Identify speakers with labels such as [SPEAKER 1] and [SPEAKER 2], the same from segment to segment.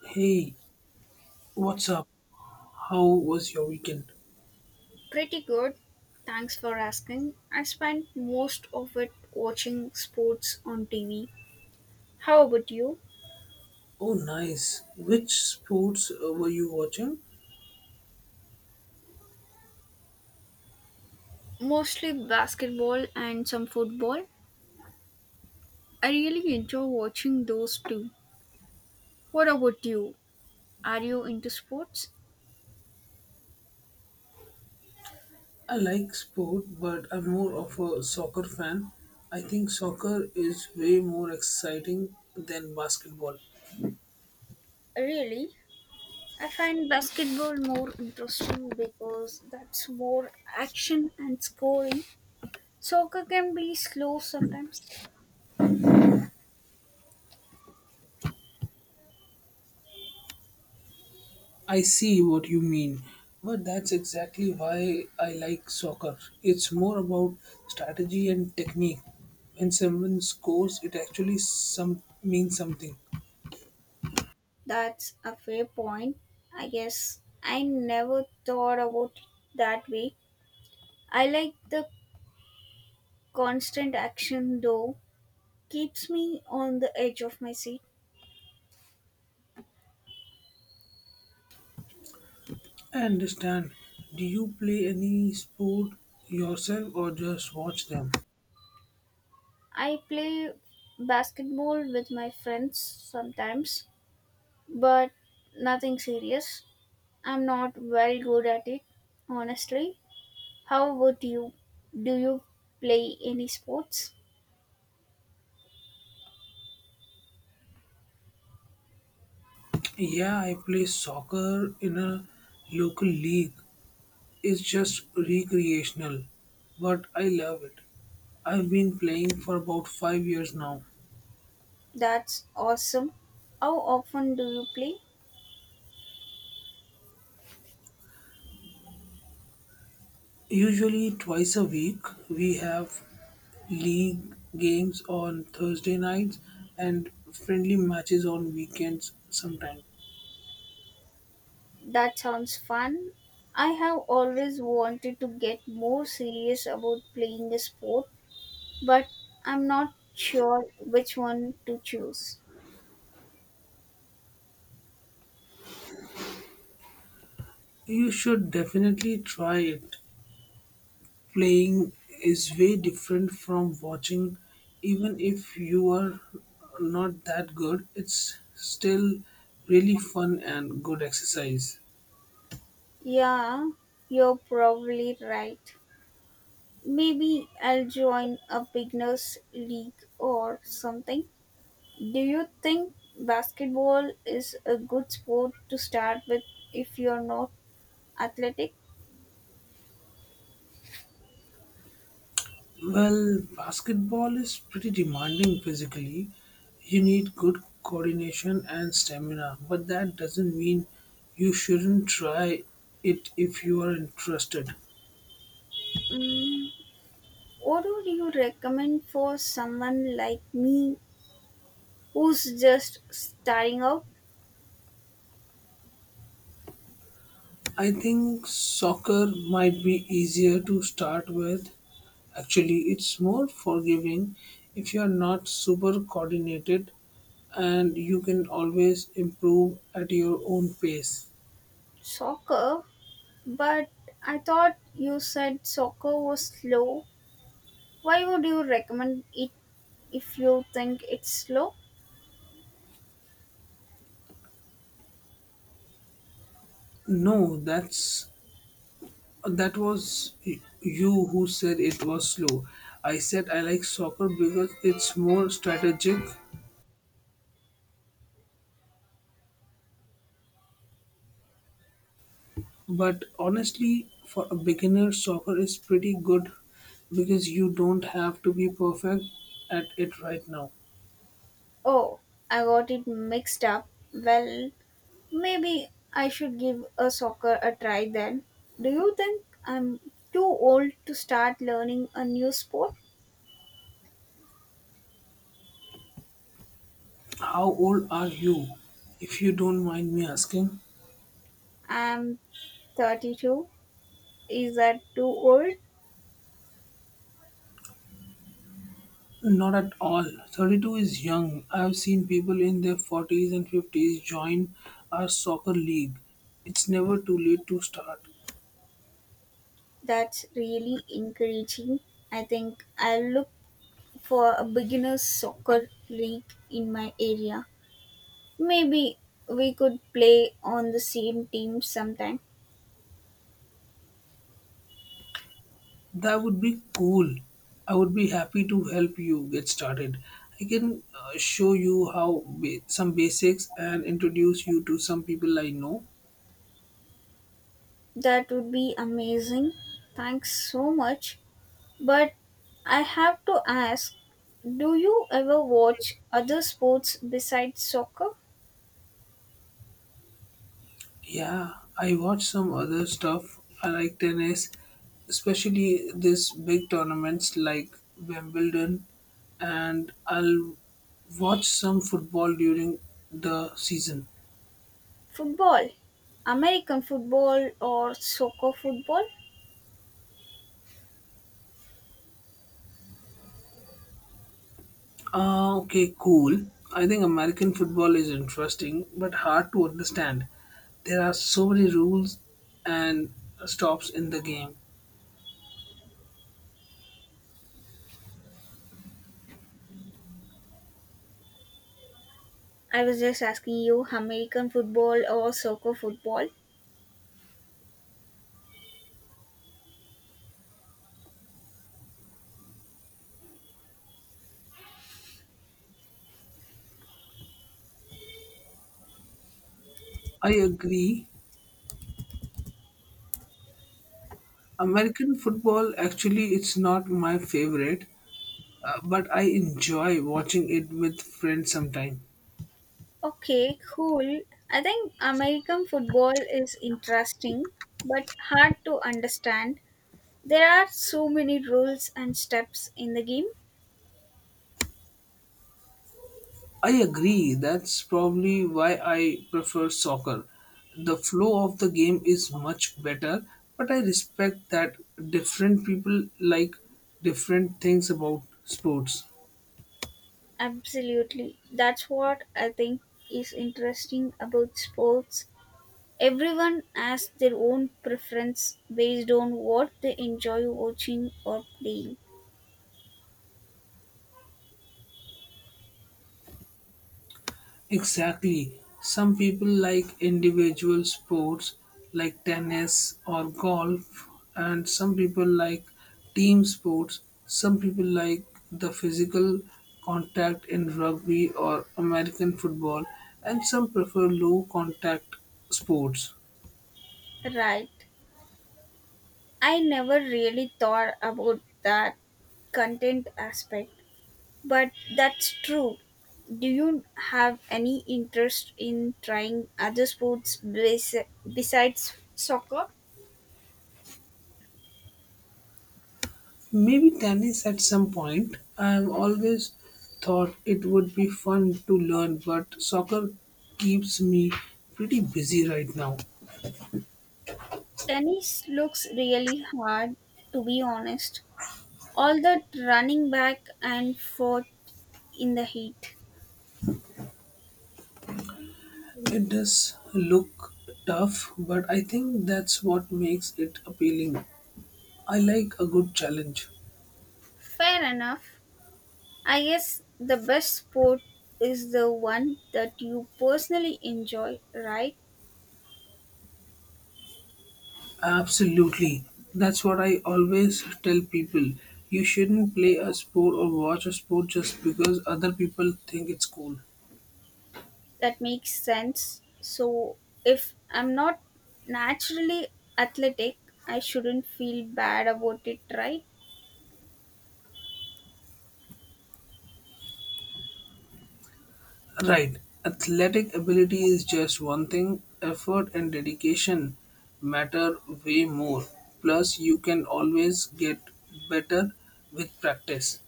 [SPEAKER 1] Hey, what's up? How was your weekend?
[SPEAKER 2] Pretty good. Thanks for asking. I spent most of it watching sports on TV. How about you?
[SPEAKER 1] Oh, nice. Which sports were you watching?
[SPEAKER 2] Mostly basketball and some football. I really enjoy watching those too. What about you? Are you into sports?
[SPEAKER 1] I like sport, but I'm more of a soccer fan. I think soccer is way more exciting than basketball.
[SPEAKER 2] Really? I find basketball more interesting because that's more action and scoring. Soccer can be slow sometimes.
[SPEAKER 1] I see what you mean, but that's exactly why I like soccer. It's more about strategy and technique. When someone scores, it actually some means something.
[SPEAKER 2] That's a fair point. I guess I never thought about it that way. I like the constant action though. Keeps me on the edge of my seat.
[SPEAKER 1] I understand. Do you play any sport yourself or just watch them?
[SPEAKER 2] I play basketball with my friends sometimes, but nothing serious. I'm not very good at it, honestly. How about you? Do you play any sports?
[SPEAKER 1] Yeah, I play soccer in a local league. It's just recreational, but I love it. I've been playing for about 5 years now.
[SPEAKER 2] That's awesome. How often do you play?
[SPEAKER 1] Usually twice a week, we have league games on Thursday nights and friendly matches on weekends sometimes.
[SPEAKER 2] That sounds fun. I have always wanted to get more serious about playing a sport, but I'm not sure which one to choose.
[SPEAKER 1] You should definitely try it. Playing is way different from watching, even if you are not that good, it's still really fun and good exercise.
[SPEAKER 2] Yeah, you're probably right. Maybe I'll join a beginners league or something. Do you think basketball is a good sport to start with if you're not athletic?
[SPEAKER 1] Well, basketball is pretty demanding physically. You need good coordination and stamina, but that doesn't mean you shouldn't try it if you are interested.
[SPEAKER 2] Mm, what would you recommend for someone like me who's just starting out
[SPEAKER 1] I think soccer might be easier to start with. Actually, it's more forgiving if you're not super coordinated and you can always improve at your own pace.
[SPEAKER 2] soccer. But I thought you said soccer was slow. Why would you recommend it if you think it's slow?
[SPEAKER 1] No, that's that was y- you who said it was slow. I said I like soccer because it's more strategic. But honestly, for a beginner, soccer is pretty good because you don't have to be perfect at it right now.
[SPEAKER 2] Oh, I got it mixed up. Well, maybe I should give a soccer a try then. Do you think I'm too old to start learning a new sport?
[SPEAKER 1] How old are you, if you don't mind me asking?
[SPEAKER 2] I'm 32. Is that too old?
[SPEAKER 1] Not at all. 32 is young. I've seen people in their 40s and 50s join our soccer league. It's never too late to start.
[SPEAKER 2] That's really encouraging. I think I'll look for a beginners soccer league in my area. Maybe we could play on the same team sometime.
[SPEAKER 1] That would be cool. I would be happy to help you get started. I can show you some basics and introduce you to some people I know.
[SPEAKER 2] That would be amazing. Thanks so much. But I have to ask, do you ever watch other sports besides soccer?
[SPEAKER 1] Yeah, I watch some other stuff. I like tennis, especially these big tournaments like Wimbledon, and I'll watch some football during the season.
[SPEAKER 2] Football? American football or soccer football?
[SPEAKER 1] Okay, cool. I think American football is interesting but hard to understand. There are so many rules and stops in the game.
[SPEAKER 2] I was just asking you American football or soccer football.
[SPEAKER 1] I agree. American football actually it's not my favorite, but I enjoy watching it with friends sometime.
[SPEAKER 2] Okay, cool. I think American football is interesting but hard to understand. There are so many rules and steps in the game.
[SPEAKER 1] I agree. That's probably why I prefer soccer. The flow of the game is much better, but I respect that different people like different things about sports.
[SPEAKER 2] Absolutely. That's what I think is interesting about sports. Everyone has their own preference based on what they enjoy watching or playing.
[SPEAKER 1] Exactly. Some people like individual sports like tennis or golf, and some people like team sports. Some people like the physical contact in rugby or American football, and some prefer low contact sports.
[SPEAKER 2] Right. I never really thought about that content aspect. But that's true. Do you have any interest in trying other sports besides soccer?
[SPEAKER 1] Maybe tennis at some point. I have always thought it would be fun to learn, but soccer keeps me pretty busy right now.
[SPEAKER 2] Tennis looks really hard, to be honest. All that running back and forth in the heat.
[SPEAKER 1] It does look tough, but I think that's what makes it appealing. I like a good challenge.
[SPEAKER 2] Fair enough. I guess the best sport is the one that you personally enjoy, right?
[SPEAKER 1] Absolutely. That's what I always tell people. You shouldn't play a sport or watch a sport just because other people think it's cool.
[SPEAKER 2] That makes sense. So, if I'm not naturally athletic, I shouldn't feel bad about it, right?
[SPEAKER 1] Right. Athletic ability is just one thing, effort and dedication matter way more. Plus, you can always get better with practice.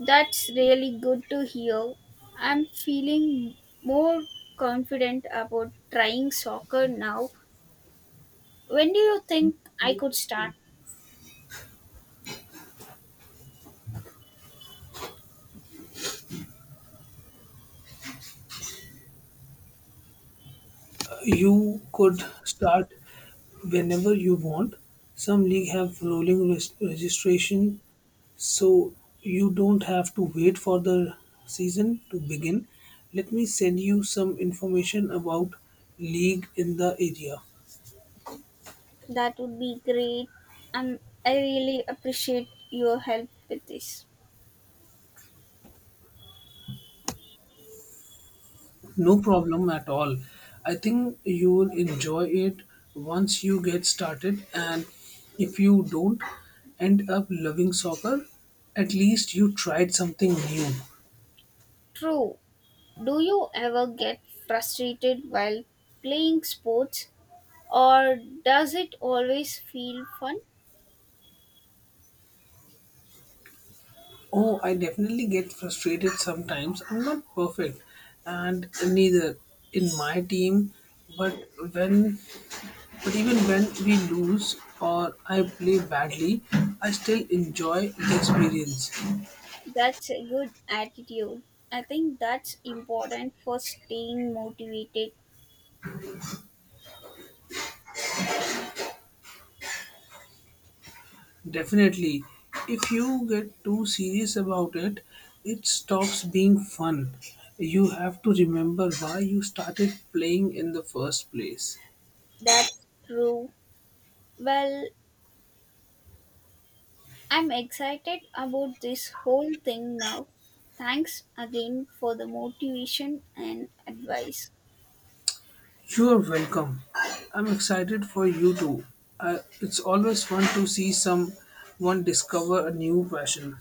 [SPEAKER 2] That's really good to hear. I'm feeling more confident about trying soccer now. When do you think I could start?
[SPEAKER 1] You could start whenever you want. Some leagues have rolling registration, so you don't have to wait for the season to begin. Let me send you some information about league in the area.
[SPEAKER 2] That would be great. Um, I really appreciate your help with this.
[SPEAKER 1] No problem at all. I think you will enjoy it once you get started, and if you don't end up loving soccer, at least you tried something new.
[SPEAKER 2] True. Do you ever get frustrated while playing sports? Or does it always feel fun?
[SPEAKER 1] Oh, I definitely get frustrated sometimes. I'm not perfect, and neither in my team. But when, but even when we lose or I play badly, I still enjoy the experience.
[SPEAKER 2] That's a good attitude. I think that's important for staying motivated.
[SPEAKER 1] Definitely, if you get too serious about it, it stops being fun. You have to remember why you started playing in the first place.
[SPEAKER 2] That's true. Well, I'm excited about this whole thing now. Thanks again for the motivation and advice.
[SPEAKER 1] You're welcome. I'm excited for you too. It's always fun to see someone discover a new passion.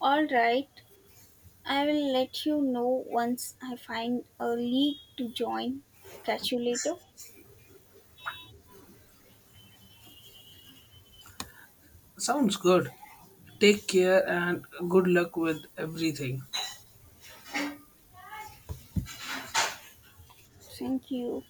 [SPEAKER 2] All right, I will let you know once I find a league to join. Catch you later.
[SPEAKER 1] Sounds good. Take care and good luck with everything.
[SPEAKER 2] Thank you.